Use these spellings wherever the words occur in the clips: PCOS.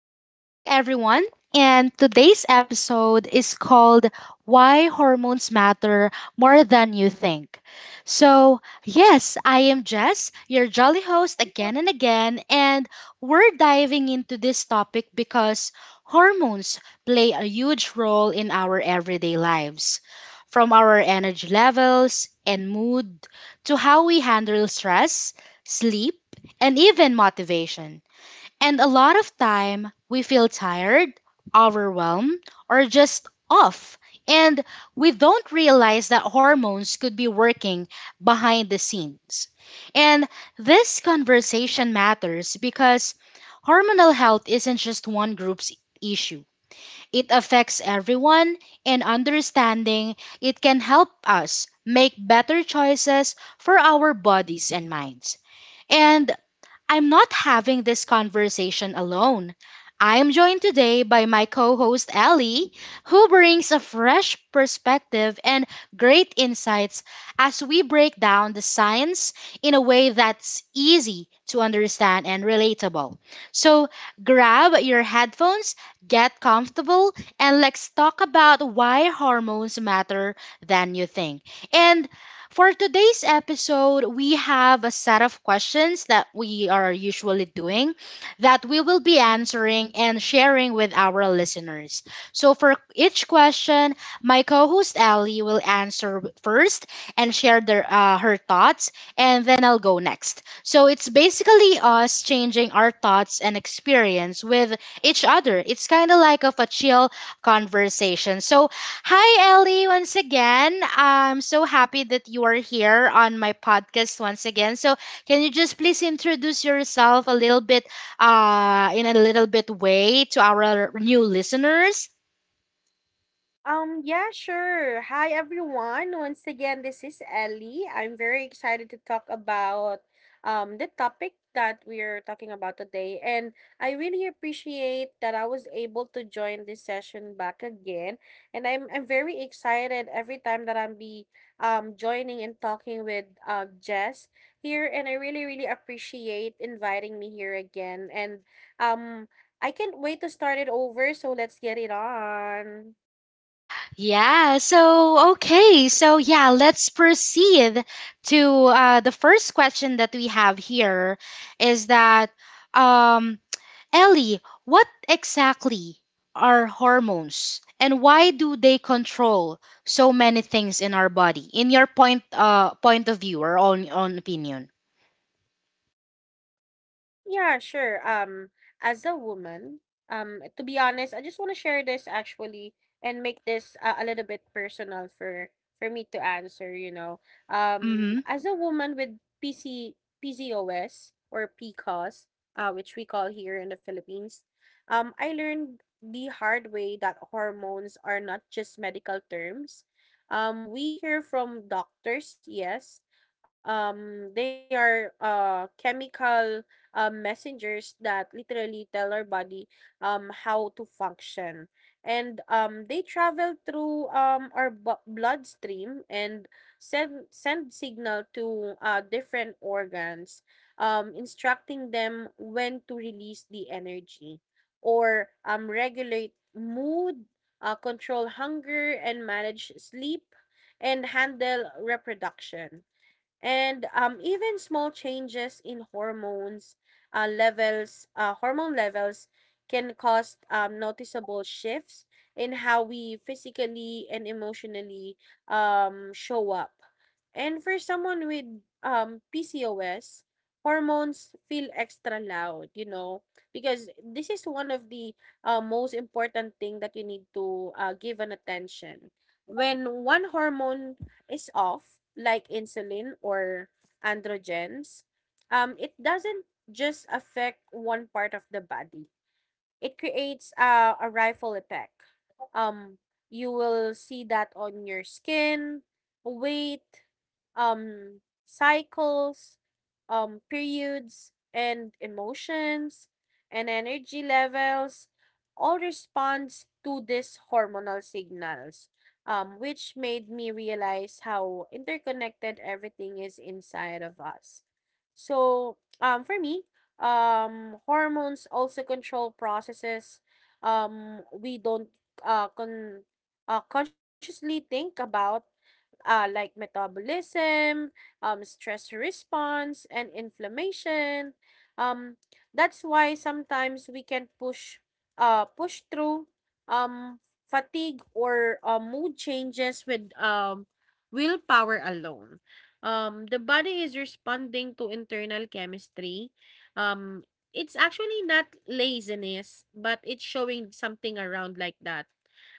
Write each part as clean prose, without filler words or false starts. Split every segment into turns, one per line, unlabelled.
Welcome back, everyone. And today's episode is called Why Hormones Matter More Than You Think. So, yes, I am Jess, your jolly host again and again, and we're diving into this topic because hormones play a huge role in our everyday lives. From our energy levels and mood to how we handle stress, sleep, and even motivation. And a lot of time we feel tired, overwhelmed, or just off. And we don't realize that hormones could be working behind the scenes. And this conversation matters because hormonal health isn't just one group's issue. It affects everyone, and understanding it can help us make better choices for our bodies and minds. And I'm not having this conversation alone. I am joined today by my co host Ellie, who brings a fresh perspective and great insights as we break down the science in a way that's easy to understand and relatable. So grab your headphones, get comfortable, and let's talk about why hormones matter than you think. And for today's episode, we have a set of questions that we are usually doing that we will be answering and sharing with our listeners. So, for each question, my co host Ellie will answer first and share her thoughts, and then I'll go next. So, it's basically us changing our thoughts and experience with each other. It's kind of like of a chill conversation. So, hi Ellie, once again. I'm so happy that you are here on my podcast once again. So, can you just please introduce yourself a little bit in a little bit way to our new listeners?
Yeah, sure. Hi, everyone. Once again, this is Ellie. I'm very excited to talk about the topic that we're talking about today. And I really appreciate that I was able to join this session back again. And I'm very excited every time that I'm be joining and talking with Jess here. And I really, really appreciate inviting me here again. And um, I can't wait to start it over. So let's get it on.
Yeah, so okay. So, yeah, let's proceed to the first question that we have here is that um Ellie, what exactly are hormones and why do they control so many things in our body? In your point of view or on opinion.
Yeah, sure. As a woman, to be honest, I just want to share this actually and make this a little bit personal for me to answer.
Mm-hmm.
As a woman with PC PCOS or PCOS, which we call here in the Philippines, I learned the hard way that hormones are not just medical terms. We hear from doctors, yes. They are chemical messengers that literally tell our body how to function. And they travel through our bloodstream and send signal to different organs, instructing them when to release the energy or regulate mood, control hunger, and manage sleep and handle reproduction, and even small changes in hormone levels can cause noticeable shifts in how we physically and emotionally show up. And for someone with PCOS, hormones feel extra loud, you know, because this is one of the most important thing that you need to give an attention. When one hormone is off, like insulin or androgens, it doesn't just affect one part of the body. It creates a rifle effect. Um, you will see that on your skin, weight, um, cycles, periods, and emotions, and energy levels all responds to these hormonal signals, which made me realize how interconnected everything is inside of us. For me, hormones also control processes we don't uh, con- consciously think about, like metabolism, stress response, and inflammation. Um, that's why sometimes we can push through um, fatigue or mood changes with willpower alone. The body is responding to internal chemistry. Um, it's actually not laziness, but it's showing something around like that.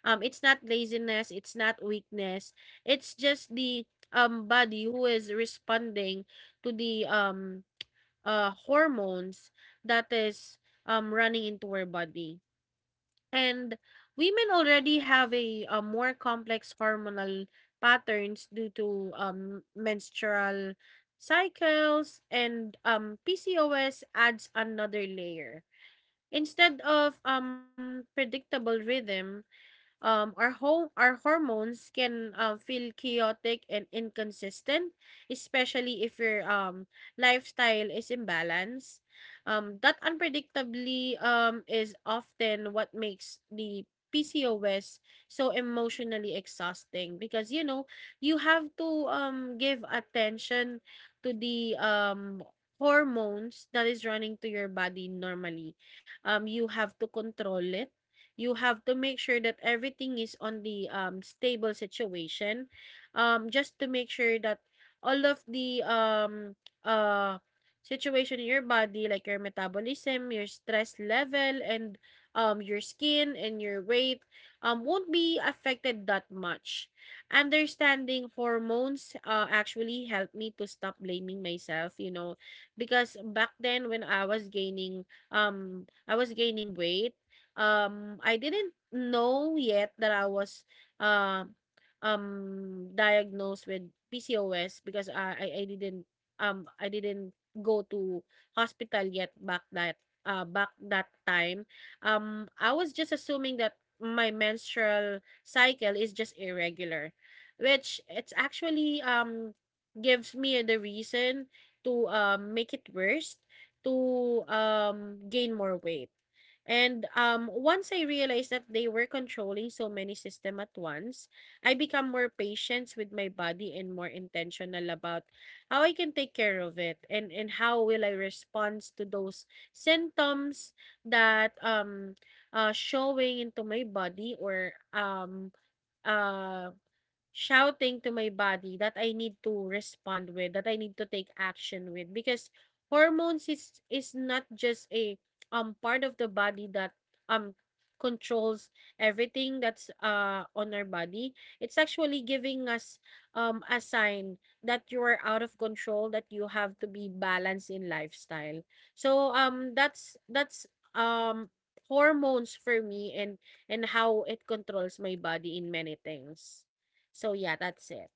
It's not laziness, it's not weakness. It's just the body who is responding to the hormones that is running into our body. And women already have more complex hormonal patterns due to menstrual cycles, and PCOS adds another layer. Instead of predictable rhythm, our hormones can feel chaotic and inconsistent, especially if your lifestyle is imbalanced. That unpredictably is often what makes the PCOS so emotionally exhausting, because you know you have to give attention to the hormones that is running to your body normally. You have to control it. You have to make sure that everything is on the stable situation, just to make sure that all of the uh, situation in your body, like your metabolism, your stress level, and your skin and your weight, won't be affected that much. Understanding hormones actually helped me to stop blaming myself, you know, because back then when I was gaining weight, I didn't know yet that I was uh, diagnosed with PCOS, because I didn't I didn't go to hospital yet back that time. I was just assuming that my menstrual cycle is just irregular, which it's actually gives me the reason to make it worse, to gain more weight. And once I realized that they were controlling so many systems at once, I become more patient with my body and more intentional about how I can take care of it, and how will I respond to those symptoms that showing into my body, or uh, shouting to my body that I need to respond with, that I need to take action with, because hormones is not just a part of the body that um controls everything that's on our body. It's actually giving us a sign that you are out of control, that you have to be balanced in lifestyle. So that's um hormones for me, and how it controls my body in many things. So yeah, that's it.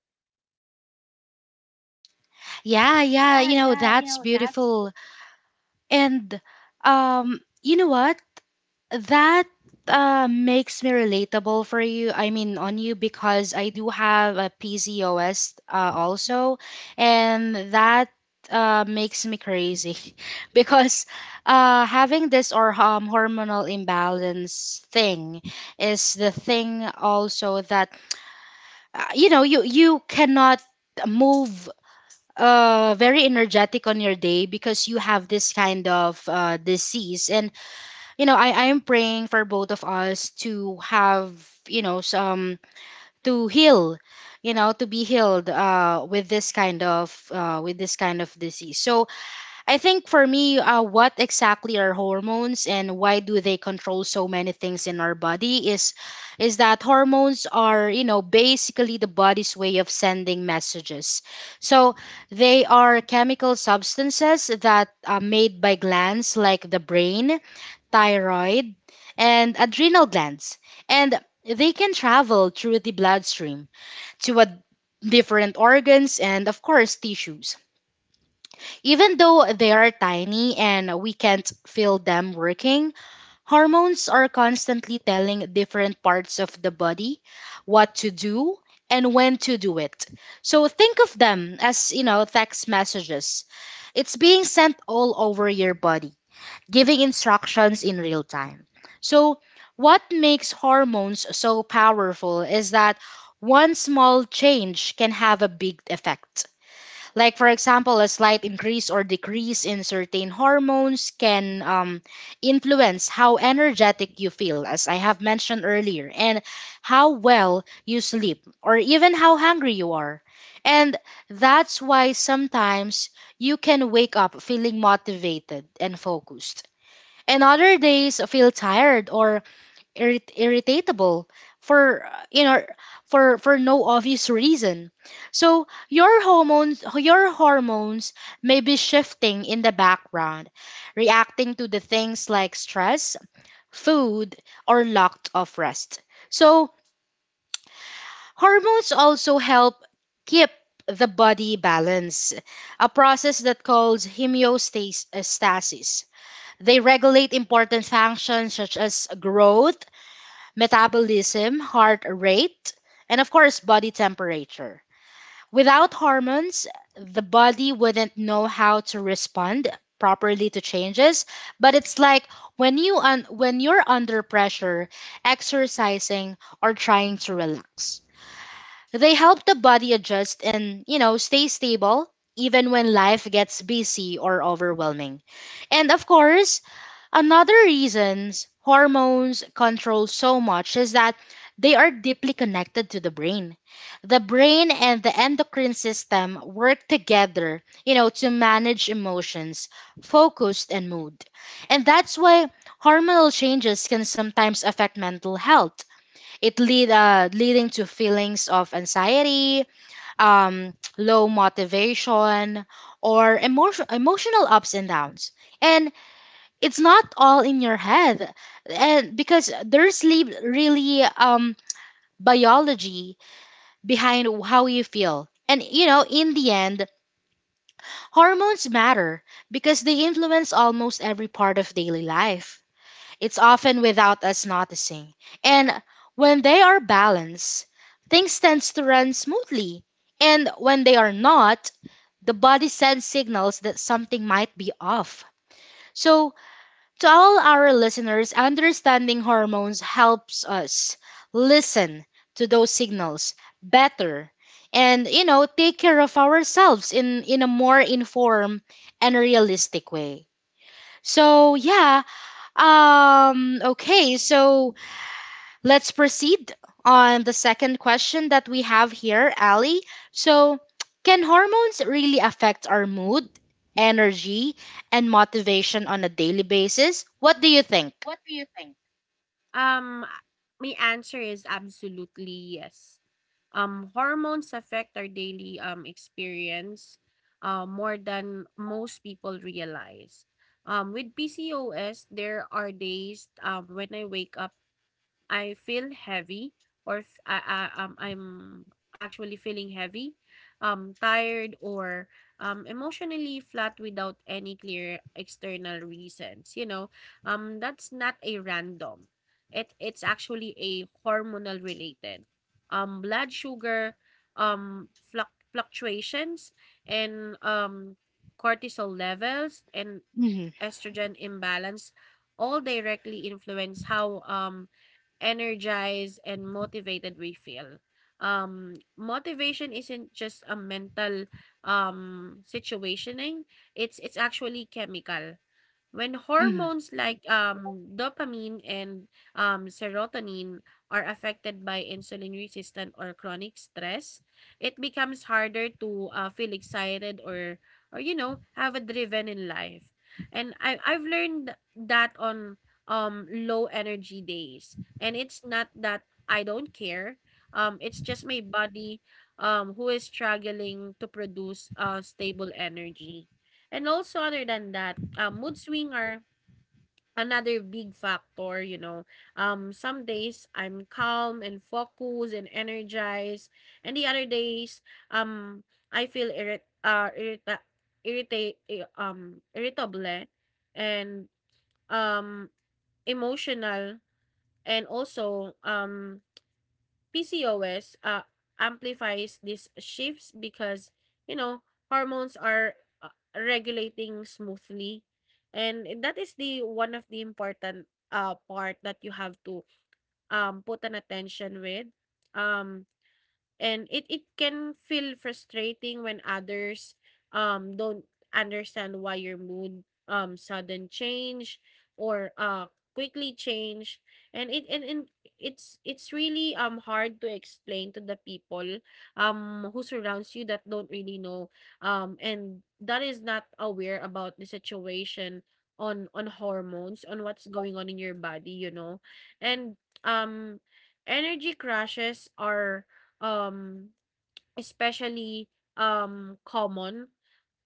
Yeah, yeah,
Yeah, yeah, you
that's
know, that's
beautiful. And you know what? That makes me relatable for you. I mean, on you because I do have a PCOS also, and that makes me crazy because having this or hormonal imbalance thing is the thing also that you cannot move very energetic on your day because you have this kind of disease. And I am praying for both of us to have, some to heal, to be healed with this kind of disease. So, I think for me, what exactly are hormones and why do they control so many things in our body is that hormones are, basically the body's way of sending messages. So, they are chemical substances that are made by glands like the brain, thyroid, and adrenal glands, and they can travel through the bloodstream to a different organs and, of course, tissues. Even though they are tiny and we can't feel them working, hormones are constantly telling different parts of the body what to do and when to do it. So, think of them as, text messages. It's being sent all over your body, giving instructions in real time. So, what makes hormones so powerful is that one small change can have a big effect. Like, for example, a slight increase or decrease in certain hormones can influence how energetic you feel, as I have mentioned earlier, and how well you sleep, or even how hungry you are. And that's why sometimes you can wake up feeling motivated and focused, and other days feel tired or irritable for for no obvious reason. So, your hormones may be shifting in the background, reacting to the things like stress, food, or lack of rest. So, hormones also help keep the body balance, a process that calls homeostasis. They regulate important functions such as growth, metabolism, heart rate, and, of course, body temperature. Without hormones, the body wouldn't know how to respond properly to changes, but it's like when when you're under pressure, exercising, or trying to relax. They help the body adjust and, stay stable even when life gets busy or overwhelming. And, of course, another reasons hormones control so much is that they are deeply connected to the brain. The brain and the endocrine system work together, to manage emotions, focus, and mood. And that's why hormonal changes can sometimes affect mental health, It lead leading to feelings of anxiety, low motivation, or emotional ups and downs. And it's not all in your head, and because there's sleep really biology behind how you feel. And in the end, hormones matter because they influence almost every part of daily life. It's often without us noticing. And when they are balanced, things tend to run smoothly, and when they are not, the body sends signals that something might be off. So, to all our listeners, understanding hormones helps us listen to those signals better, and take care of ourselves in a more informed and realistic way. So, yeah, okay, so let's proceed on the second question that we have here, Ali. So, can hormones really affect our mood, energy, and motivation on a daily basis? What do you think?
What do you think? Um, my answer is absolutely yes. Hormones affect our daily experience more than most people realize. With PCOS, there are days when I wake up I feel heavy, or I'm actually feeling heavy, tired, or emotionally flat without any clear external reasons. You know, that's not a random. It's actually a hormonal related, blood sugar um, fluctuations, and cortisol levels, and
Hmm.
estrogen imbalance all directly influence how energized and motivated we feel. Motivation isn't just a mental situationing; it's actually chemical. When
Hmm.
hormones like dopamine and serotonin are affected by insulin resistant or chronic stress, it becomes harder to feel excited, or you know have a driven in life. And I've learned that on low energy days, and it's not that I don't care. It's just my body who is struggling to produce stable energy. And also other than that, mood swing are another big factor, you know. Some days I'm calm and focused and energized, and the other days, um, I feel irritate irritable and um emotional. And also PCOS amplifies these shifts because, you know, hormones are regulating smoothly. And that is the one of the important part that you have to put an attention with. Um, and it it can feel frustrating when others don't understand why your mood sudden change or quickly change. And it's really hard to explain to the people who surrounds you, that don't really know and that is not aware about the situation on hormones, on what's going on in your body, you know. And um energy crashes are um, especially common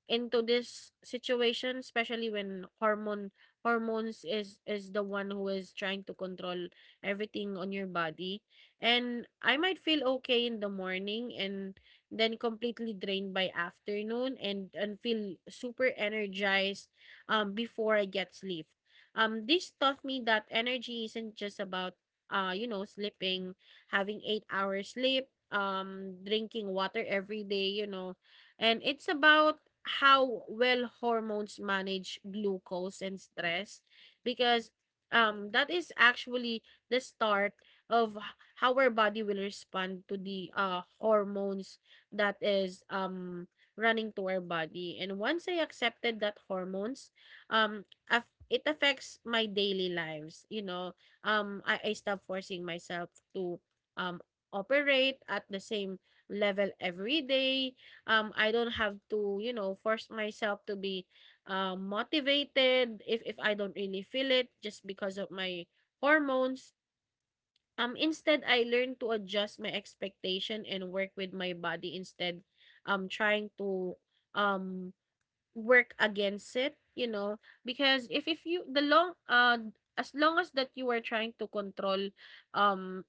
into this situation, especially when hormones is the one who is trying to control everything on your body. And I might feel okay in the morning, and then completely drained by afternoon, and feel super energized before I get sleep. This taught me that energy isn't just about you know sleeping, having 8 hours sleep, drinking water every day, you know. And it's about how well hormones manage glucose and stress, because that is actually the start of how our body will respond to the hormones that is running to our body. And once I accepted that hormones um af- it affects my daily lives, you know, I stop forcing myself to um operate at the same level every day. I don't have to, you know, force myself to be motivated if I don't really feel it just because of my hormones. Instead, I learn to adjust my expectation and work with my body, instead trying to um work against it, you know. Because if you the long as long as that you are trying to control um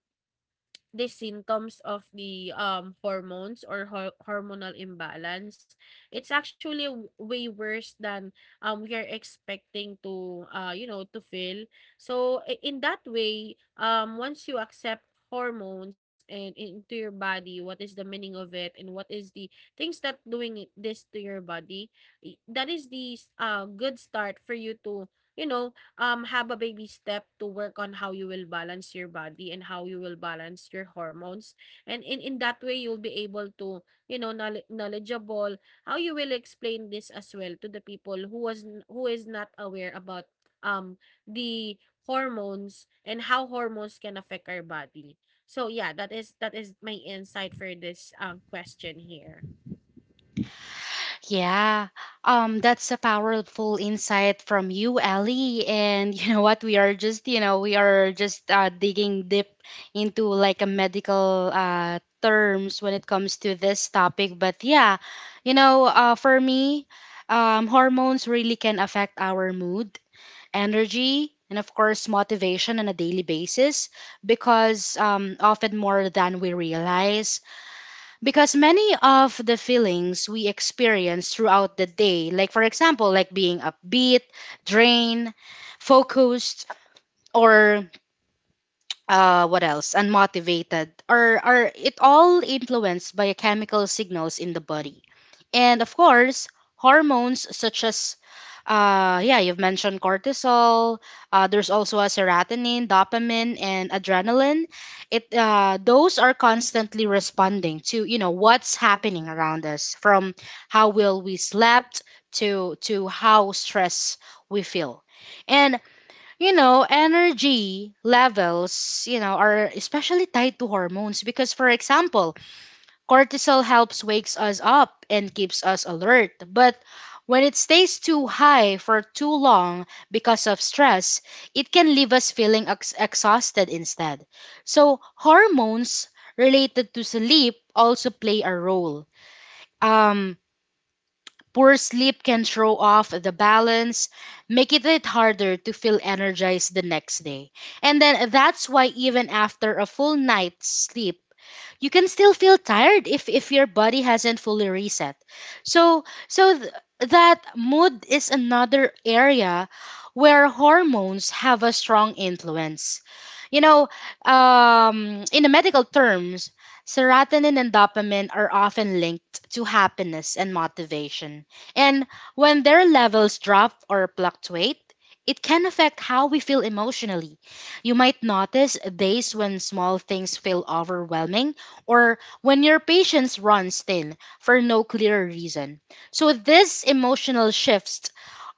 the symptoms of the hormones, or hormonal imbalance, it's actually way worse than we are expecting to you know to feel. So in that way, once you accept hormones and into your body, what is the meaning of it and what is the things that this to your body, that is the good start for you to, you know, have a baby step to work on how you will balance your body and how you will balance your hormones. And in that way, you'll be able to, you know, knowledgeable how you will explain this as well to the people who who is not aware about um the hormones and how hormones can affect our body. So yeah, that is my insight for this question here.
Yeah. That's a powerful insight from you, Ellie. And you know what? We are just, you know, we are just digging deep into like a medical terms when it comes to this topic. But yeah, for me, hormones really can affect our mood, energy, and, of course, motivation on a daily basis, because often more than we realize. Because many of the feelings we experience throughout the day, like, for example, like being upbeat, drained, focused, or what else? Unmotivated, or are it all influenced by chemical signals in the body. And, of course, hormones such as, yeah, you've mentioned cortisol. There's also a serotonin, dopamine, and adrenaline. It Those are constantly responding to what's happening around us, from how well we slept to how stress we feel. And energy levels, are especially tied to hormones because, for example, cortisol helps wakes us up and keeps us alert. But when it stays too high for too long because of stress, it can leave us feeling exhausted instead. So, hormones related to sleep also play a role. Um, Poor sleep can throw off the balance, making it harder to feel energized the next day. And then that's why even after a full night's sleep, you can still feel tired if your body hasn't fully reset. So so th- that mood is another area where hormones have a strong influence. You know, in the medical terms, serotonin and dopamine are often linked to happiness and motivation, and when their levels drop or fluctuate, it can affect how we feel emotionally. You might notice days when small things feel overwhelming, or when your patience runs thin for no clear reason. So, these emotional shifts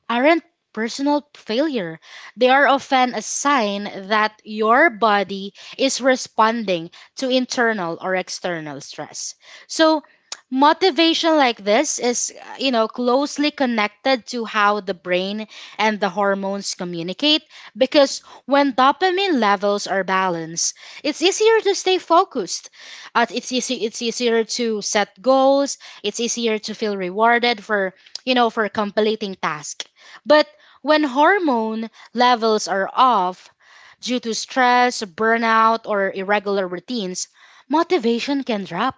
aren't personal failure. They are often a sign that your body is responding to internal or external stress. So, motivation like this is closely connected to how the brain and the hormones communicate, because when dopamine levels are balanced, it's easier to stay focused, it's easier to set goals, it's easier to feel rewarded for for completing tasks. But when hormone levels are off due to stress, burnout, or irregular routines, motivation can drop,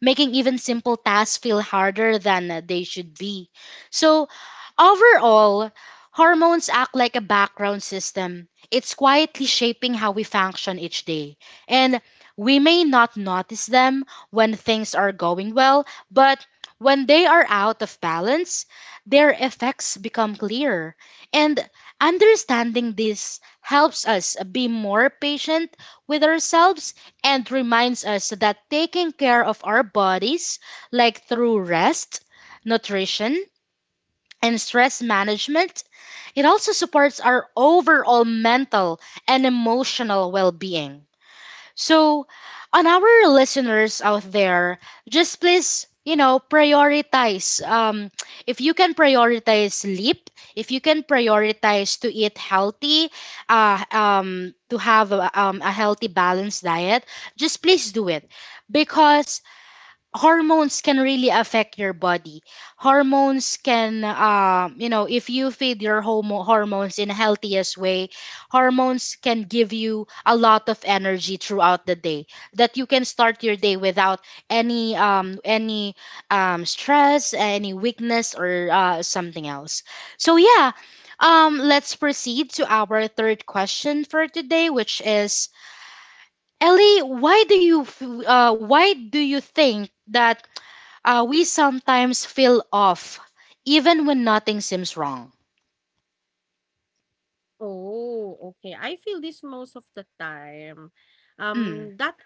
making even simple tasks feel harder than they should be. So, overall, hormones act like a background system. It's quietly shaping how we function each day. And we may not notice them when things are going well, but when they are out of balance, their effects become clearer. And understanding this helps us be more patient with ourselves, and reminds us that taking care of our bodies, like through rest, nutrition, and stress management, it also supports our overall mental and emotional well being. So, on our listeners out there, just please, prioritize. If you can prioritize sleep, if you can prioritize to eat healthy, to have a healthy, balanced diet, just please do it, because hormones can really affect your body. Hormones can, if you feed your hormones in healthiest way, hormones can give you a lot of energy throughout the day, that you can start your day without any stress, any weakness, or something else. So, yeah, let's proceed to our third question for today, which is, Ellie, why do you think that we sometimes feel off, even when nothing seems wrong?
Oh, okay. I feel this most of the time.
Mm.
That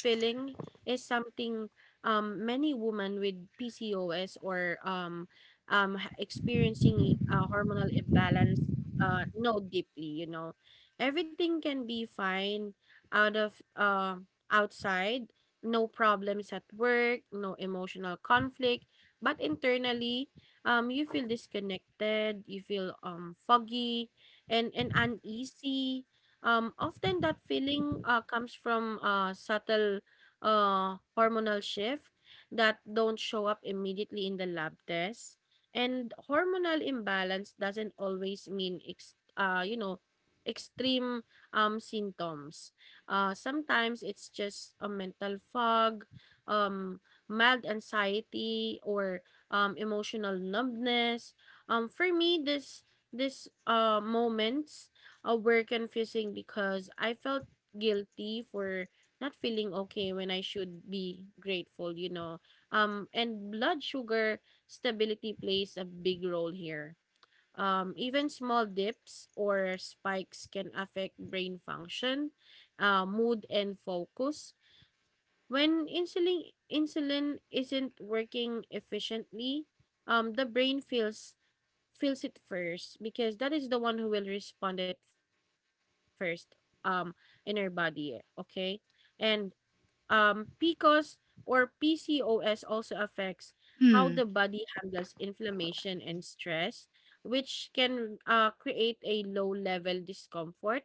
feeling is something many women with PCOS, or experiencing a hormonal imbalance, know deeply, you know. Everything can be fine out of outside, no problems at work, no emotional conflict, but internally you feel disconnected, you feel foggy, and uneasy. Often that feeling comes from subtle hormonal shift that don't show up immediately in the lab test. And hormonal imbalance doesn't always mean, extreme symptoms. Sometimes it's just a mental fog, um, mild anxiety, or emotional numbness. For me, this these moments were confusing because I felt guilty for not feeling okay when I should be grateful, you know. And blood sugar stability plays a big role here. Even small dips or spikes can affect brain function, mood, and focus. When insulin isn't working efficiently, the brain feels it first because that is the one who will respond it first um in our body, okay? And um, PCOS or PCOS also affects how the
Mm.
body handles inflammation and stress, which can create a low level discomfort.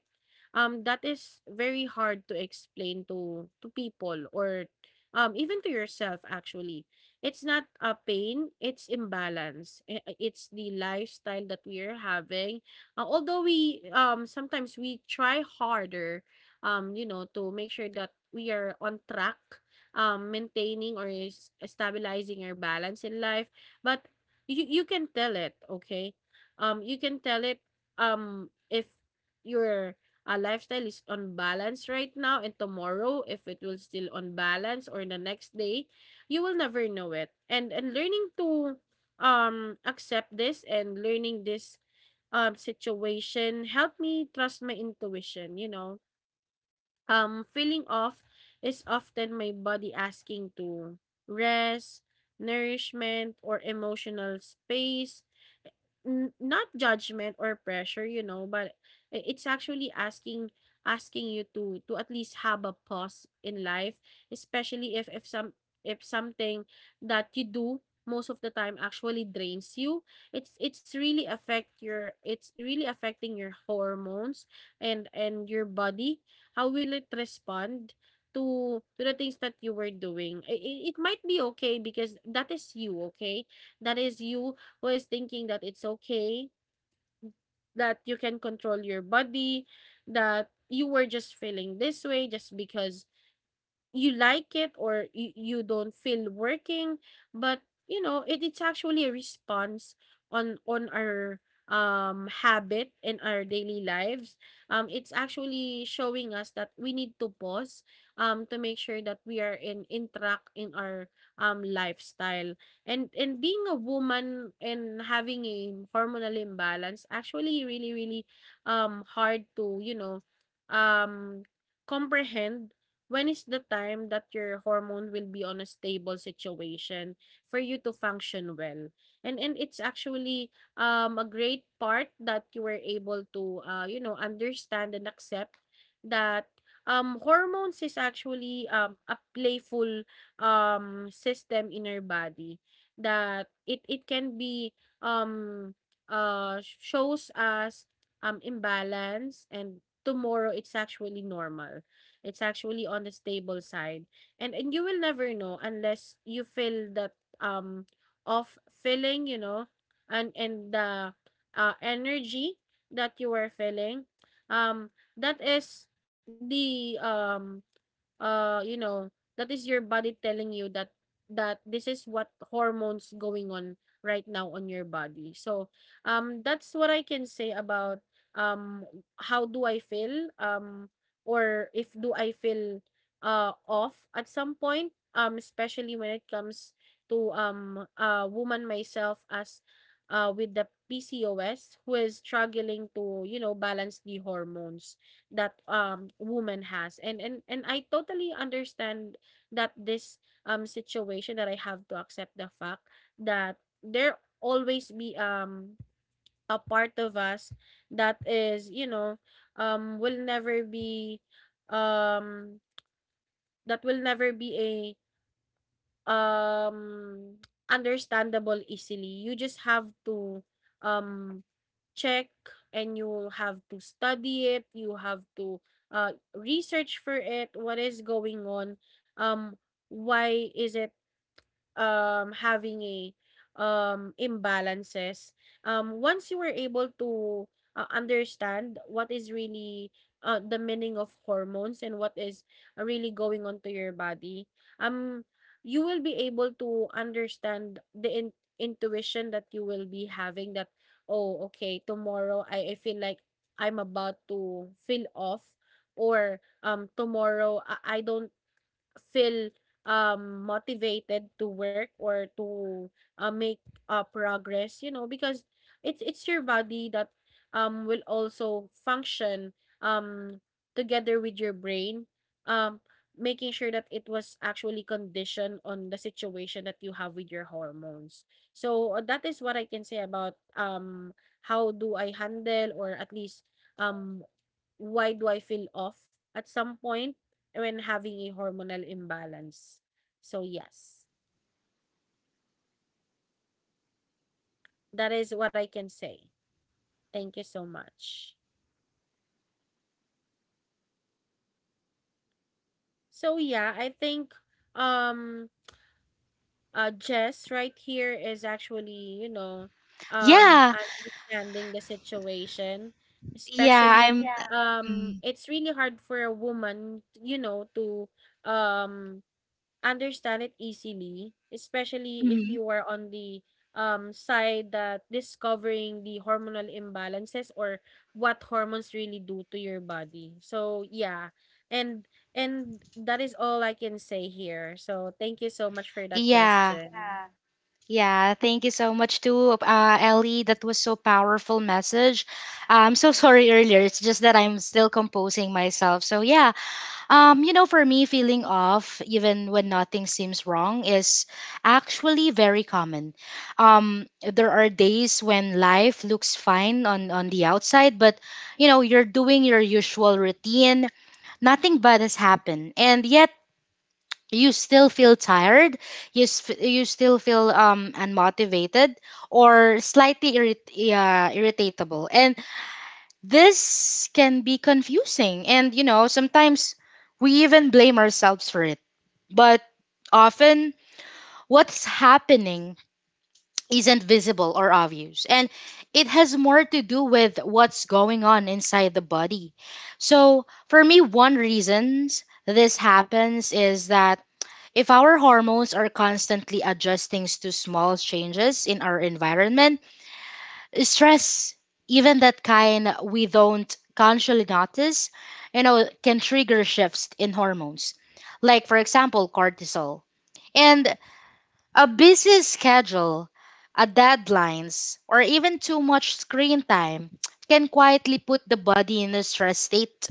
That is very hard to explain to people or even to yourself, actually. It's not a pain, it's imbalance. It's the lifestyle that we are having. Although we sometimes we try harder, to make sure that we are on track, maintaining or is stabilizing our balance in life. But you can tell it, okay? You can tell it if your lifestyle is on balance right now, and tomorrow if it will still on balance or the next day, you will never know it. And learning to accept this, and learning this situation helped me trust my intuition, you know. Feeling off is often my body asking to rest, nourishment, or emotional space, not judgment or pressure, you know, but it's actually asking you to at least have a pause in life, especially if something that you do most of the time actually drains you. It's really affecting your hormones and your body. How will it respond to the things that you were doing? It might be okay because that is you, okay? That is you who is thinking that it's okay, that you can control your body, that you were just feeling this way just because you like it or you don't feel working. But you know, it, it's actually a response on our habit in our daily lives. It's actually showing us that we need to pause, to make sure that we are in track in our lifestyle. And being a woman and having a hormonal imbalance actually really hard to, you know, um comprehend when is the time that your hormone will be on a stable situation for you to function well. And it's actually a great part that you were able to, you know, understand and accept that hormones is actually a playful system in our body, that it can be um shows us imbalance, and tomorrow it's actually normal. It's actually on the stable side. And you will never know unless you feel that off feeling, you know, and the energy that you are feeling. That is the you know, that is your body telling you that this is what hormones going on right now on your body. So that's what I can say about, um how do I feel, or if do I feel off at some point, especially when it comes to, a woman myself, as with the PCOS, who is struggling to, you know, balance the hormones that woman has. And I totally understand that this situation, that I have to accept the fact that there always be a part of us that is, you know, will never be um a um, understandable easily. You just have to, um, check, and you have to study it. You have to research for it. What is going on? Um, why is it having a imbalances? Once you were able to understand what is really the meaning of hormones and what is really going on to your body, um you will be able to understand the intuition that you will be having, that oh okay, tomorrow I feel like I'm about to feel off, or tomorrow I don't feel motivated to work or to make progress, you know, because it's your body that will also function um together with your brain, um making sure that it was actually conditioned on the situation that you have with your hormones. So that is what I can say about how do I handle, or at least um why do I feel off at some point when having a hormonal imbalance. So, yes, that is what I can say. Thank you so much. So, yeah, I think um Jess right here is actually, you know,
Yeah,
understanding the situation,
yeah,
especially.
I'm.
Yeah.
Mm,
It's really hard for a woman, you know, to um understand it easily, especially if
mhm.
you are on the side that discovering the hormonal imbalances, or what hormones really do to your body. So yeah, and and that is all I can say here. So thank you so much for that
Yeah,
question. Yeah.
yeah. Thank you so much too, Ellie. That was so powerful message. I'm so sorry earlier. It's just that I'm still composing myself. So yeah, you know, for me, feeling off even when nothing seems wrong is actually very common. There are days when life looks fine on the outside, but you know, you're doing your usual routine. Nothing bad has happened, and yet you still feel tired. You still feel unmotivated or slightly irritable, and this can be confusing, and you know, sometimes we even blame ourselves for it. But often, what's happening isn't visible or obvious, and it has more to do with what's going on inside the body. So, for me, one reasons this happens is that if our hormones are constantly adjusting to small changes in our environment, stress, even that kind we don't consciously notice, you know, can trigger shifts in hormones, like, for example, cortisol. And a busy schedule, a deadlines, or even too much screen time can quietly put the body in a stress state.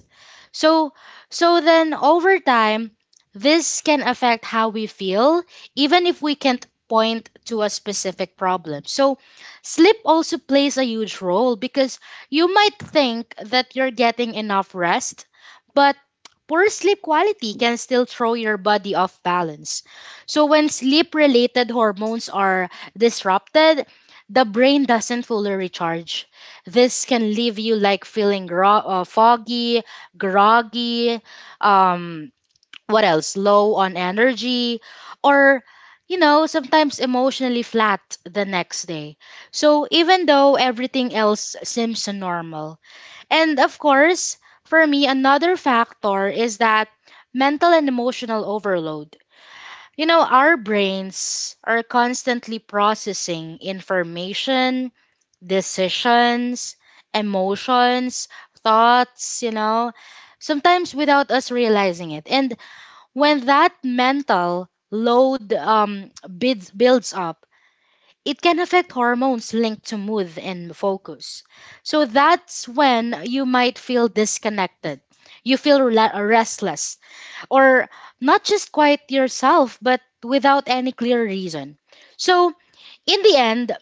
So so then over time this can affect how we feel even if we can't point to a specific problem. So sleep also plays a huge role because you might think that you're getting enough rest, but poor sleep quality can still throw your body off balance. So when sleep related hormones are disrupted, the brain doesn't fully recharge. This can leave you like feeling raw, foggy, groggy, um, what else? Low on energy, or you know, sometimes emotionally flat the next day. So even though everything else seems normal. And of course, for me, another factor is that mental and emotional overload. You know, our brains are constantly processing information decisions, emotions, thoughts, you know, sometimes without us realizing it. And when that mental load builds up, it can affect hormones linked to mood and focus. So that's when you might feel disconnected. You feel restless or not just quite yourself, but without any clear reason. So, in the end,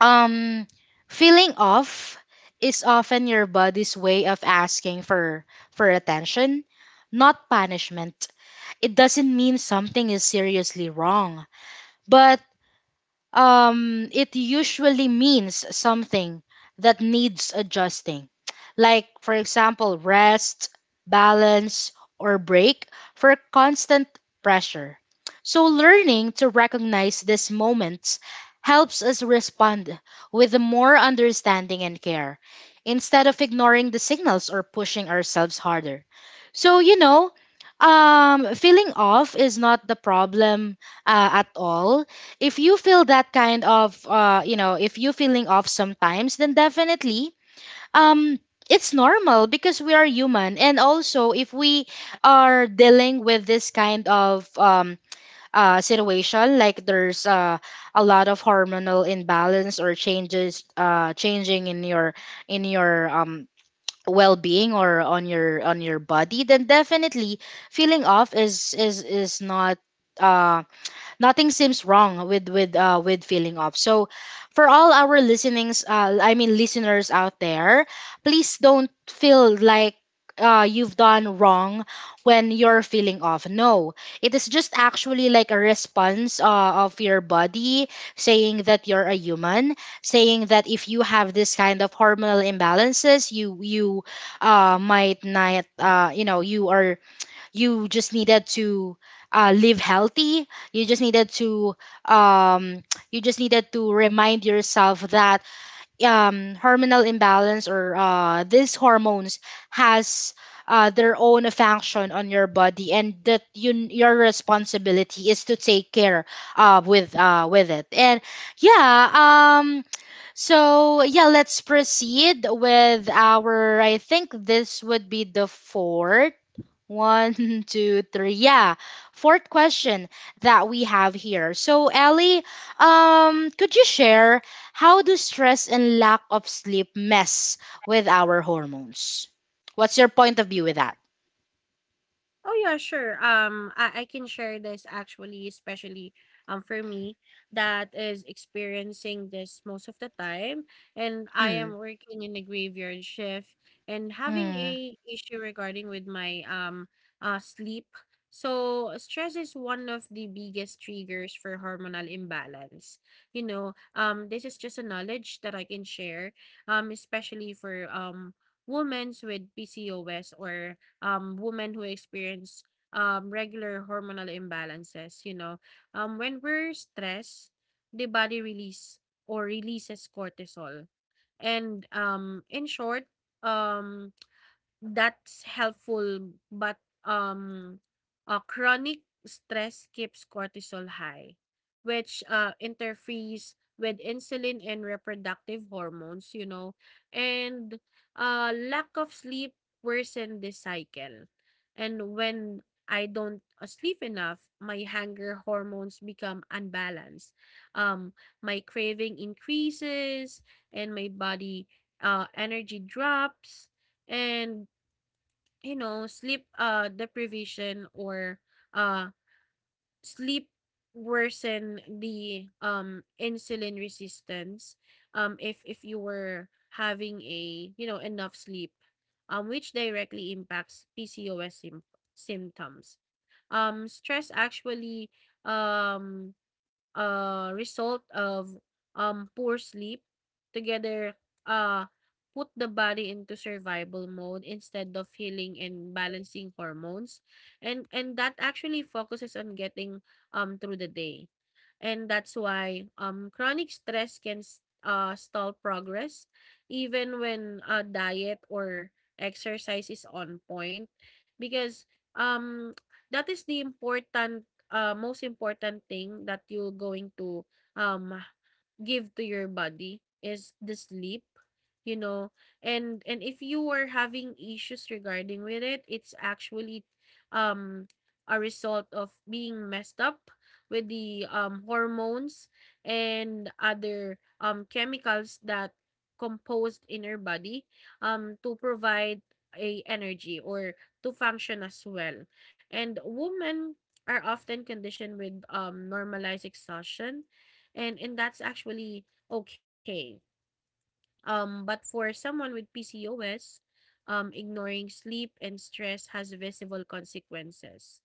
um feeling off is often your body's way of asking for attention not punishment it doesn't mean something is seriously wrong but it usually means something that needs adjusting. Like, for example, rest, balance, or break for constant pressure. So, learning to recognize these moments helps us respond with more understanding and care instead of ignoring the signals or pushing ourselves harder. So, you know, feeling off is not the problem at all if you feel that kind of you know if you feeling off sometimes then definitely um it's normal because we are human and also if we are dealing with this kind of situation like there's a lot of hormonal imbalance or changes changing in your in your well-being or on your body then definitely feeling off is not uh nothing seems wrong with feeling off. So, for all our listenings, I mean listeners out there, please don't feel like you've done wrong when you're feeling off. No, it is just actually like a response of your body saying that you're a human, saying that if you have this kind of hormonal imbalances, you might not you know you are you just needed to live healthy you just needed to um, you just needed to remind yourself that hormonal imbalance or these hormones has their own function on your body and that you your responsibility is to take care with it and yeah so yeah let's proceed with our I think this would be the fourth one, two, three. Yeah. Fourth question that we have here. So, Ellie, could you share how do stress and lack of sleep mess with our hormones? What's your point of view with that?
Oh yeah, sure. I can share this actually, especially for me that is experiencing this most of the time, and I
Mm.
am working in a graveyard shift and having a issue regarding with my sleep. So stress is one of the biggest triggers for hormonal imbalance. You know, this is just a knowledge that I can share, especially for women with PCOS, or women who experience regular hormonal imbalances. You know, when we're stressed, the body releases cortisol. And in short, um, that's helpful, but um, chronic stress keeps cortisol high, which interferes with insulin and reproductive hormones, you know, and lack of sleep worsen this cycle. And when I don't sleep enough, my hunger hormones become unbalanced. Um, my craving increases, and my body energy drops. And you know, sleep deprivation or uh sleep worsen the insulin resistance, if if you were having a, you know, enough sleep, which directly impacts PCOS symptoms. Stress actually, um result of poor sleep together uh, put the body into survival mode instead of healing and balancing hormones, and that actually focuses on getting through the day. And that's why chronic stress can stall progress, even when diet or exercise is on point, because um that is the important, most important thing that you're going to, um, give to your body is the sleep, you know. And if you were having issues regarding with it, it's actually um a result of being messed up with the hormones and other chemicals that composed in your body to provide a energy or to function as well. And women are often conditioned with normalized exhaustion, and that's actually okay. But for someone with PCOS, ignoring sleep and stress has visible consequences.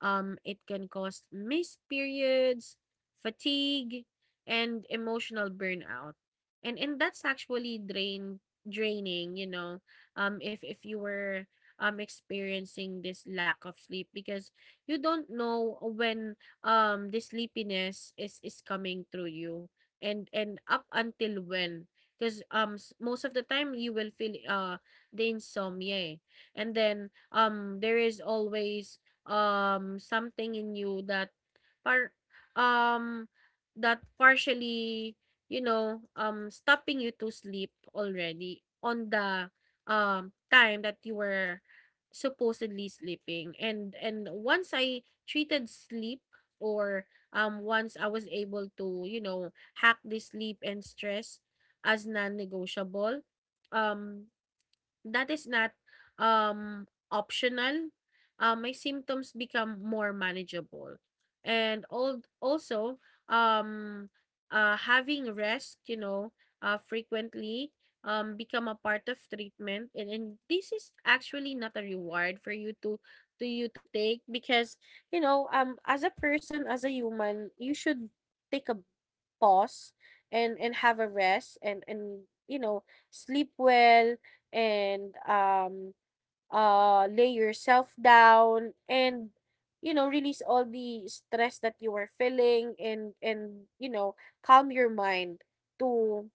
It can cause missed periods, fatigue, and emotional burnout. And that's actually draining, you know, if you were experiencing this lack of sleep, because you don't know when the sleepiness is coming through you, and up until when, because most of the time you will feel the insomnia, eh. And then there is always something in you that par um, that partially, you know, stopping you to sleep already on the time that you were supposedly sleeping. And once I treated sleep or once I was able to, you know, hack the sleep and stress as non-negotiable, um that is not optional. My symptoms become more manageable. And all also um having rest, frequently become a part of treatment, and this is actually not a reward for you to take because you know, as a person, as a human, you should take a pause and have a rest, and you know, sleep well, and lay yourself down and, you know, release all the stress that you are feeling, and you know, calm your mind to,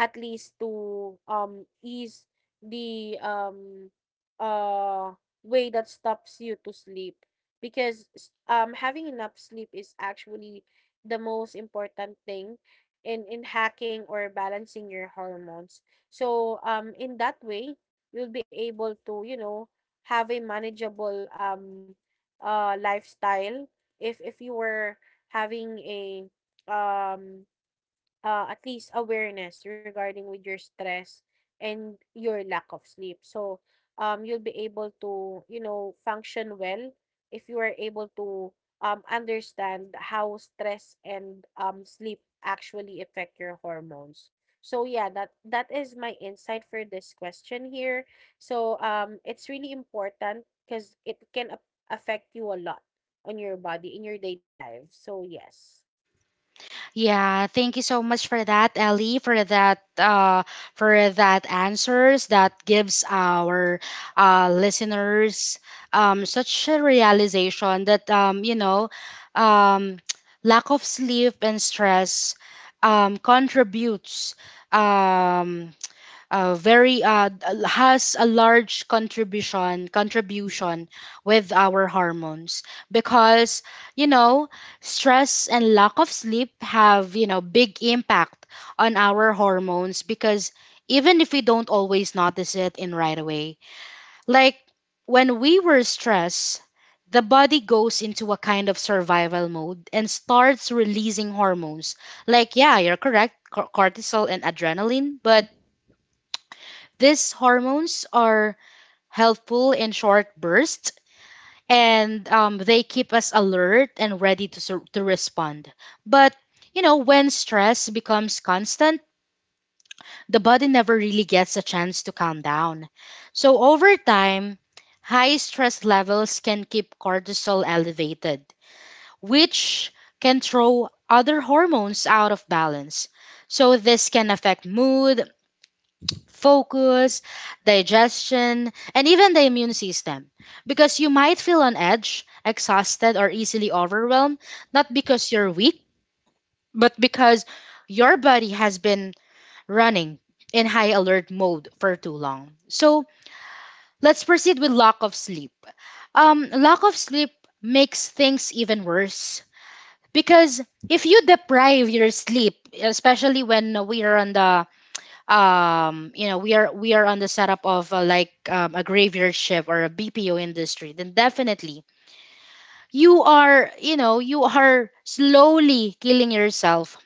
at least, to ease the uh way that stops you to sleep, because having enough sleep is actually the most important thing in hacking or balancing your hormones. So in that way, you'll be able to, you know, have a manageable lifestyle, if you were having a um at least awareness regarding with your stress and your lack of sleep. So, you'll be able to, you know, function well if you are able to understand how stress and, sleep actually affect your hormones. So yeah, that is my insight for this question here. So it's really important because it can affect you a lot on your body in your daily life. So yes.
Yeah, thank you so much for that, Ellie, for that for that answers that gives our listeners such a realization that you know um lack of sleep and stress contributes um has a large contribution with our hormones because you know stress and lack of sleep have you know big impact on our hormones because even if we don't always notice it in right away like when we were stressed the body goes into a kind of survival mode and starts releasing hormones like yeah you're correct cortisol and adrenaline but these hormones are helpful in short bursts and they keep us alert and ready to, to respond. But, you know, when stress becomes constant, the body never really gets a chance to calm down. So, over time, high stress levels can keep cortisol elevated, which can throw other hormones out of balance. So, this can affect mood, focus, digestion, and even the immune system. Because you might feel on edge, exhausted, or easily overwhelmed, not because you're weak, but because your body has been running in high alert mode for too long. So let's proceed with lack of sleep. Lack of sleep makes things even worse because if you deprive your sleep, especially when we are on the you know we are on the setup of like a graveyard shift or a BPO industry then definitely you are you know you are slowly killing yourself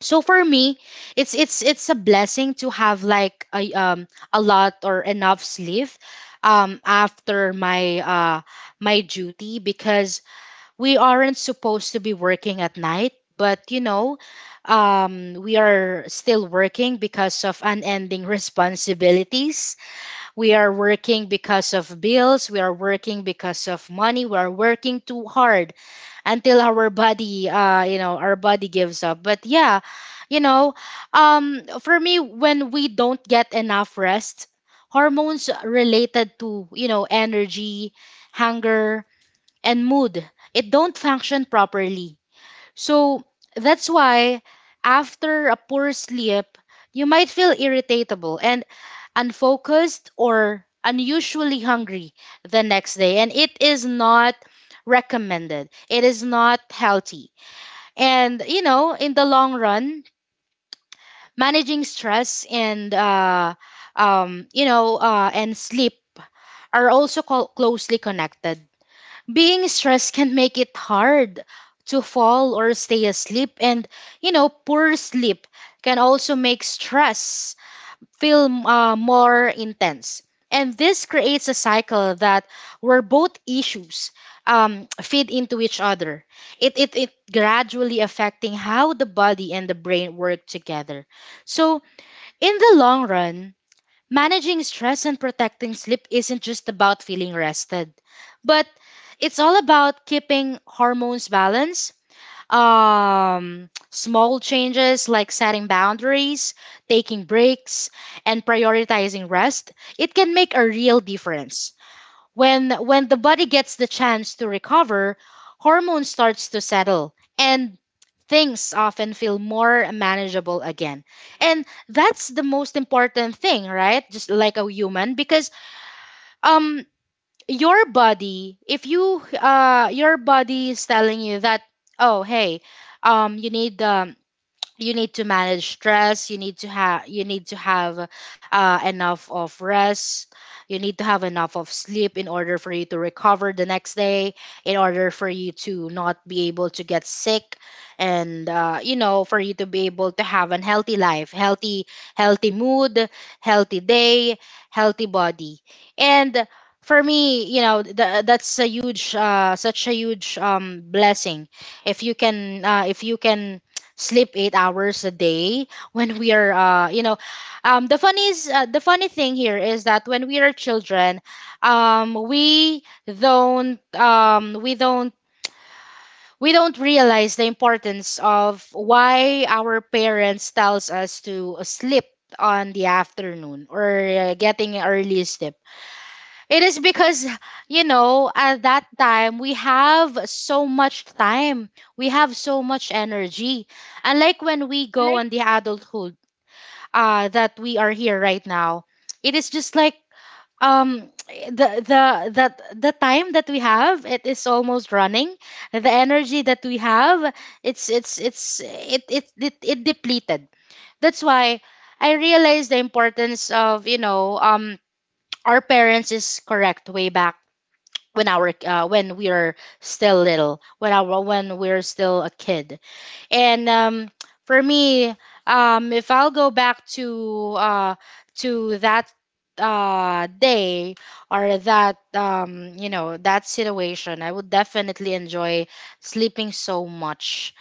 so for me it's a blessing to have like a lot or enough sleep after my duty because we aren't supposed to be working at night, but you know, we are still working because of unending responsibilities. We are working because of bills. We are working because of money. We are working too hard until our body, you know, our body gives up. But yeah, you know, for me, when we don't get enough rest, hormones related to you know energy, hunger and mood. It don't function properly. So that's why after a poor sleep, you might feel irritable and unfocused or unusually hungry the next day. And it is not recommended. It is not healthy. And, you know, in the long run, managing stress and, you know, and sleep are also closely connected being stressed can make it hard to fall or stay asleep and you know poor sleep can also make stress feel more intense and this creates a cycle that where both issues feed into each other it gradually affecting how the body and the brain work together so in the long run managing stress and protecting sleep isn't just about feeling rested, but it's all about keeping hormones balanced. Small changes like setting boundaries, taking breaks, and prioritizing rest, it can make a real difference. When the body gets the chance to recover, hormones starts to settle and things often feel more manageable again. And that's the most important thing, right? Just like a human because um your body, if you your body is telling you that oh, hey, um you need um you need to manage stress you need to have you need to have enough of rest you need to have enough of sleep in order for you to recover the next day in order for you to not be able to get sick and you know for you to be able to have a healthy life healthy healthy mood healthy day healthy body and for me you know that's a huge such a huge blessing if you can sleep 8 hours a day when we are you know the funny thing here is that when we are children um we don't um we don't we don't realize the importance of why our parents tells us to sleep on the afternoon or getting early sleep it is because, you know, at that time we have so much time. We have so much energy. Unlike when we
I like
go on the adulthood that we are here right now. It is just like the time that we have it is almost running the energy that we have it's it it it, it depleted that's why I realized the importance of you know our parents is correct way back when our when we are still little when our when we're still a kid and for me, if I'll go back to that day or that you know that situation, I would definitely enjoy sleeping so much.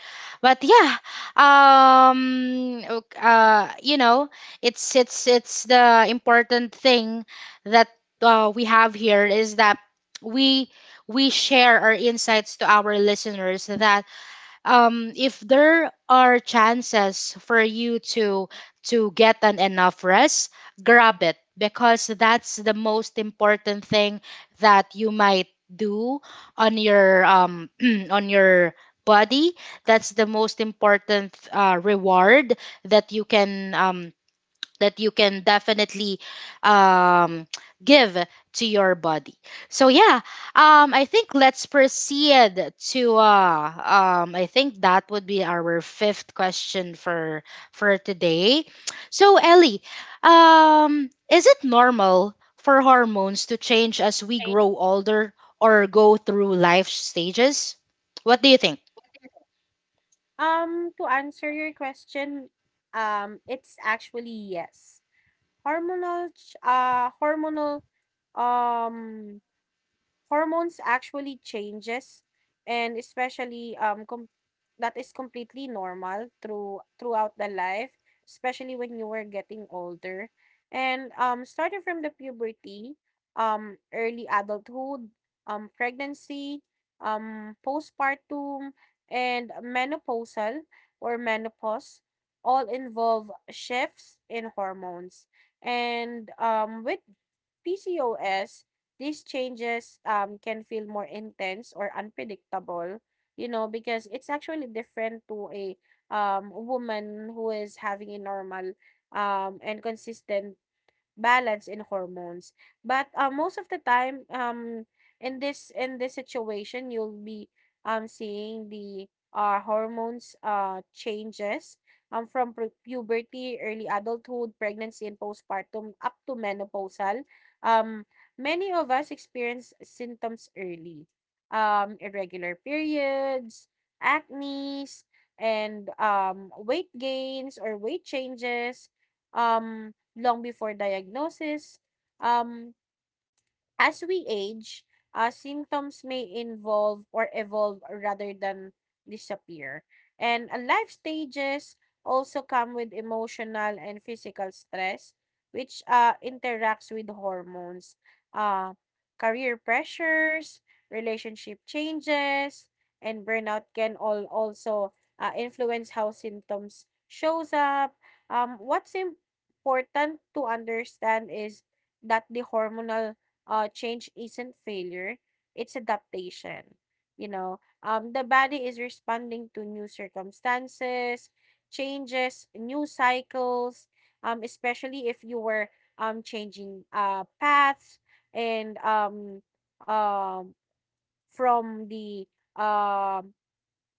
But yeah, um, ok- uh, you know, it's the important thing that we have here is that we we share our insights to our listeners that if there are chances for you to get an enough rest, grab it because that's the most important thing that you might do on your on your body. That's the most important reward that you can um that you can definitely um, give to your body. So yeah, I think let's proceed to I think that would be our fifth question for today. So Ellie, is it normal for hormones to change as we grow older or go through life stages? What do you think?
To answer your question, it's actually yes. Hormonal, ch- uh, hormonal, um, hormones actually changes, and especially that is completely normal throughout the life, especially when you were getting older, and starting from the puberty, early adulthood, pregnancy, postpartum, and menopausal, or menopause, all involve shifts in hormones. And with PCOS, these changes can feel more intense or unpredictable, you know, because it's actually different to a woman who is having a normal and consistent balance in hormones. But most of the time, in this situation, you'll be seeing the hormones changes from puberty, early adulthood, pregnancy, and postpartum up to menopausal. Um, many of us experience symptoms early, irregular periods, acne, and weight gains or weight changes. Um, long before diagnosis. um, As we age, symptoms may involve or evolve rather than disappear. And life stages also come with emotional and physical stress, which interacts with hormones, uh, career pressures, relationship changes, and burnout can all also influence how symptoms shows up. What's important to understand is that the hormonal change isn't failure, it's adaptation. You know, the body is responding to new circumstances, changes, new cycles, especially if you were changing paths, and um, from the um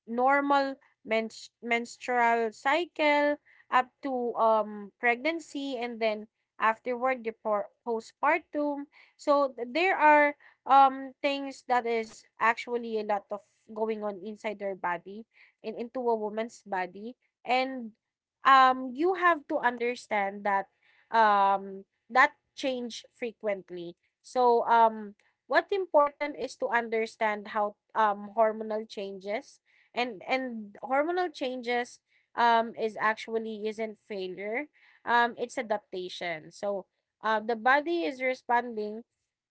normal menstrual cycle up to pregnancy, and then afterward the postpartum. So there are things that is actually a lot of going on inside their body and into a woman's body, and you have to understand that um that change frequently. So what important is to understand how hormonal changes, and hormonal changes is actually isn't failure, it's adaptation. So the body is responding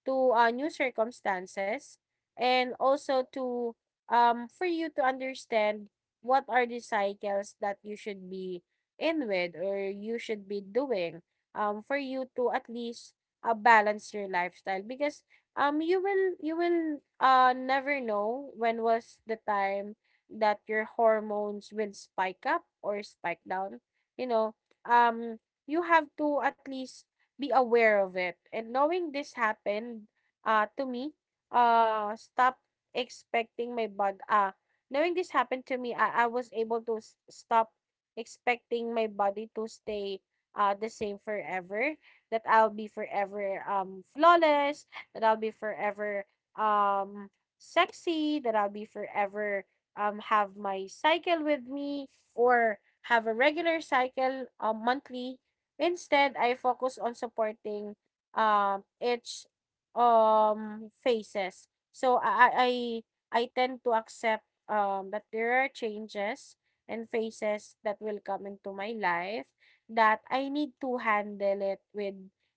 to new circumstances, and also to for you to understand what are the cycles that you should be in with, or you should be doing, for you to at least balance your lifestyle, because you will never know when was the time that your hormones will spike up or spike down. You know, um you have to at least be aware of it. And knowing this happened to me stop expecting my body knowing this happened to me, I was able to stop expecting my body to stay the same forever, that I'll be forever flawless, that I'll be forever um sexy, that I'll be forever have my cycle with me, or have a regular cycle monthly. Instead, I focus on supporting each phases. So I tend to accept that there are changes and phases that will come into my life that I need to handle it with,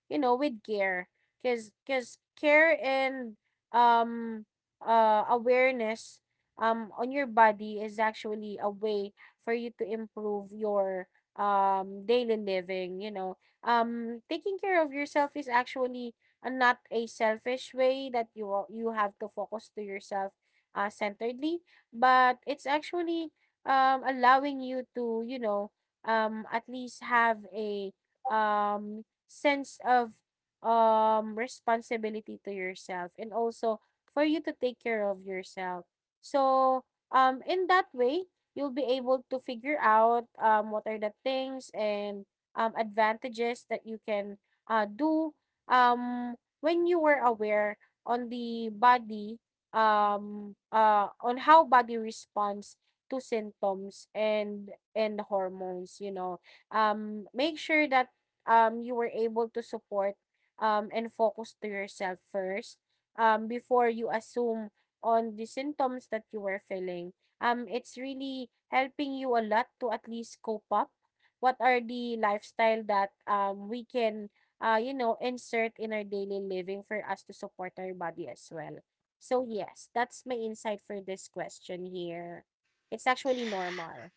you know, with care. Because care and um awareness on your body is actually a way for you to improve your daily living, you know. Taking care of yourself is actually not a selfish way that you you have to focus to yourself centeredly, but it's actually allowing you to, you know, at least have a sense of responsibility to yourself, and also for you to take care of yourself. So, in that way, you'll be able to figure out what are the things and advantages that you can do when you were aware on the body, on how body responds to symptoms and hormones. You know, make sure that you were able to support and focus to yourself first before you assume on the symptoms that you were feeling. It's really helping you a lot to at least cope up. What are the lifestyle that we can, you know, insert in our daily living for us to support our body as well. So yes, that's my insight for this question here. It's actually normal.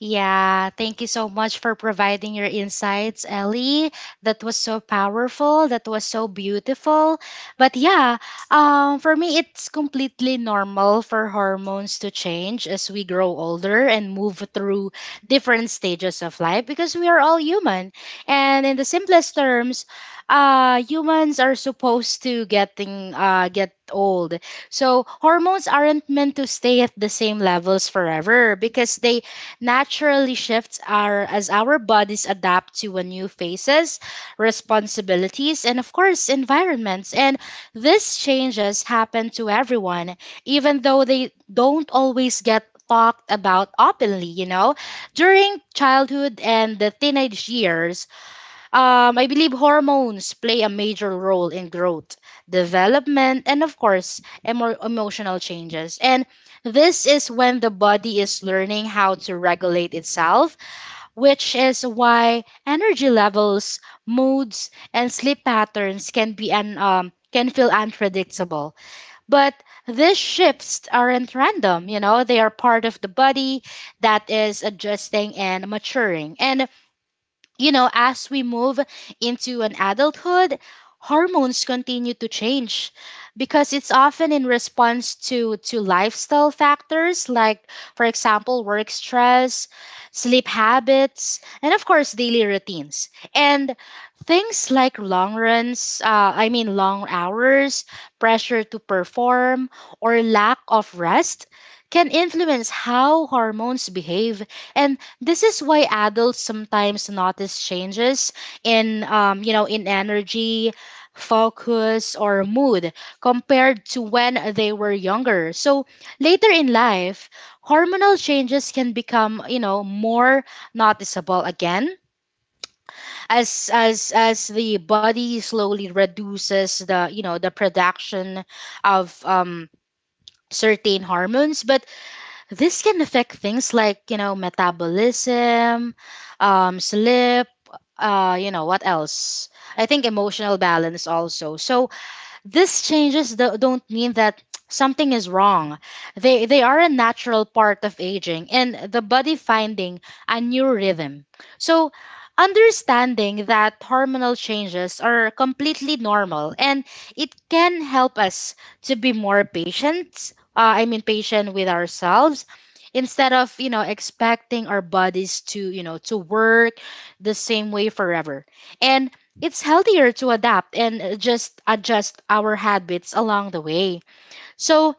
Yeah, thank you so much for providing your insights, Ellie. That was so powerful. That was so beautiful. But yeah, for me, it's completely normal for hormones to change as we grow older and move through different stages of life because we are all human. And in the simplest terms, humans are supposed to get old. So hormones aren't meant to stay at the same levels forever because they naturally shifts our as our bodies adapt to a new faces, responsibilities, and of course environments. And these changes happen to everyone, even though they don't always get talked about openly, you know. During childhood and the teenage years, I believe hormones play a major role in growth, development, and of course, emotional changes. And this is when the body is learning how to regulate itself, which is why energy levels, moods, and sleep patterns can be can feel unpredictable. But these shifts aren't random, you know, they are part of the body that is adjusting and maturing. And you know, as we move into an adulthood, hormones continue to change because it's often in response to lifestyle factors like for example work stress sleep habits and of course daily routines and things like long runs I mean long hours pressure to perform or lack of rest can influence how hormones behave and this is why adults sometimes notice changes in, you know, in energy, focus, or mood compared to when they were younger. So later in life, hormonal changes can become, you know, more noticeable again as the body slowly reduces the, you know, the production of certain hormones. But this can affect things like, you know, metabolism, sleep, you know, what else? I think emotional balance also. So, these changes don't mean that something is wrong. They are a natural part of aging and the body finding a new rhythm. So understanding that hormonal changes are completely normal and it can help us to be more patient, I mean patient with ourselves instead of, you know, expecting our bodies to, you know, to work the same way forever. And it's healthier to adapt and just adjust our habits along the way. So,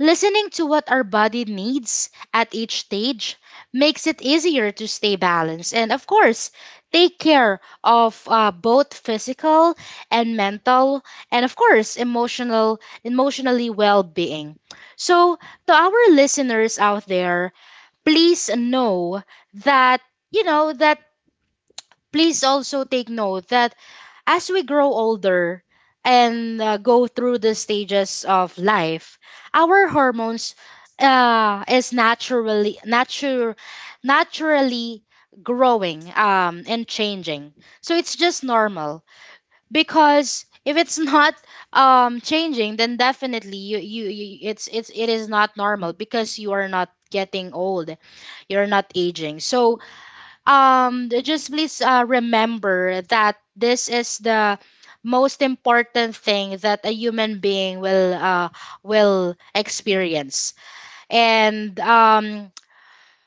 listening to what our body needs at each stage makes it easier to stay balanced and, of course, take care of both physical and mental and of course emotionally well-being. So to our listeners out there, please know that you know that please also take note that as we grow older and go through the stages of life, our hormones uh, is naturally natur- naturally growing and changing. So it's just normal because if it's not changing, then definitely you, you, you it's it is not normal because you are not getting old, you're not aging. So just please remember that this is the most important thing that a human being will experience and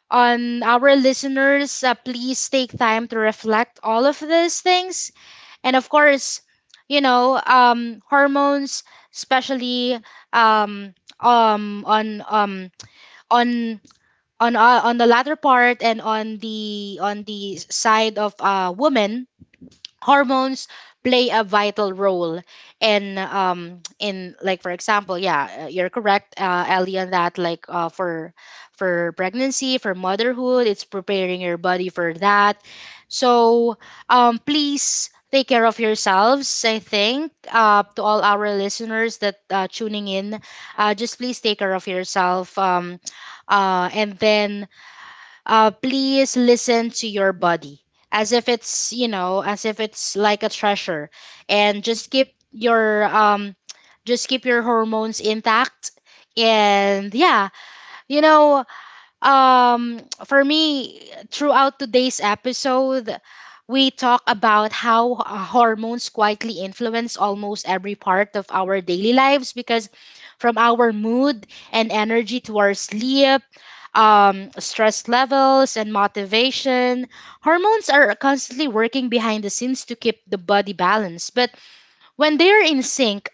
on our listeners please take time to reflect all of these things and of course you know hormones especially um um on um on on the latter part and on the side of a woman hormones play a vital role in like for example yeah you're correct, Ellie, on that. Like for pregnancy, for motherhood, it's preparing your body for that. So please take care of yourselves. I think to all our listeners that tuning in, just please take care of yourself. And then please listen to your body as if it's you know as if it's like a treasure, and just keep your hormones intact. And yeah, you know, um for me, throughout today's episode, we talk about how hormones quietly influence almost every part of our daily lives, because from our mood and energy to our sleep, stress levels, and motivation, hormones are constantly working behind the scenes to keep the body balanced. But when they are in sync,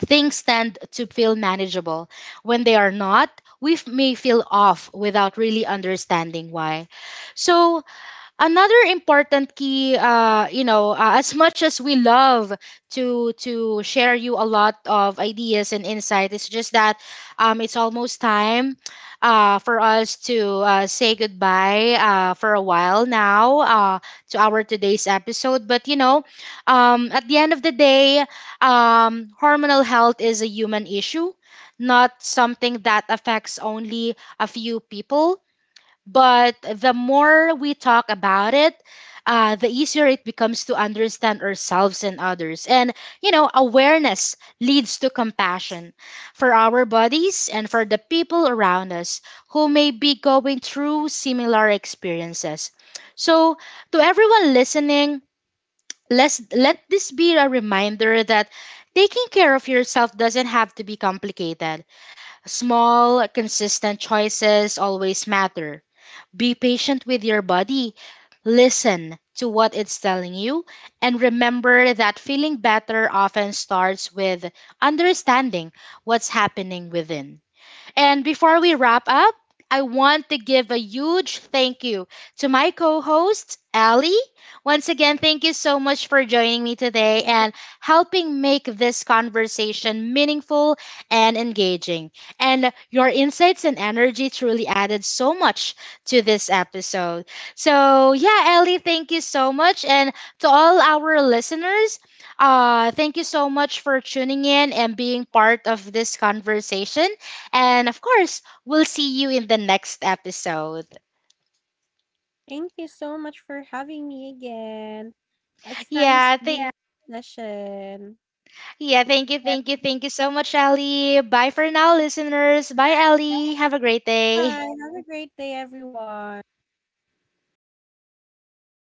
things tend to feel manageable. When they are not, we may feel off without really understanding why. So, another important key, you know, as much as we love to share you a lot of ideas and insight, it's just that it's almost time for us to say goodbye for a while now, to our today's episode. But you know, at the end of the day, hormonal health is a human issue, not something that affects only a few people. But the more we talk about it, the easier it becomes to understand ourselves and others. And, you know, awareness leads to compassion for our bodies and for the people around us who may be going through similar experiences. So, to everyone listening, let this be a reminder that taking care of yourself doesn't have to be complicated. Small, consistent choices always matter. Be patient with your body. Listen to what it's telling you. And remember that feeling better often starts with understanding what's happening within. And before we wrap up, I want to give a huge thank you to my co host, Ali. Once again, thank you so much for joining me today and helping make this conversation meaningful and engaging. And your insights and energy truly added so much to this episode. So, yeah, Ali, thank you so much. And to all our listeners, thank you so much for tuning in and being part of this conversation. And of course, we'll see you in the next episode.
Thank you so much for having me again. It's nice.
Yeah,
Yeah,
thank
being in the session.
yeah, thank you,
Yeah,
thank you,
it's
thank you so much, Ellie. Bye for now, listeners. Bye, Ellie. Have a great
very. Bye.
day.
Have a different. Great day, everyone.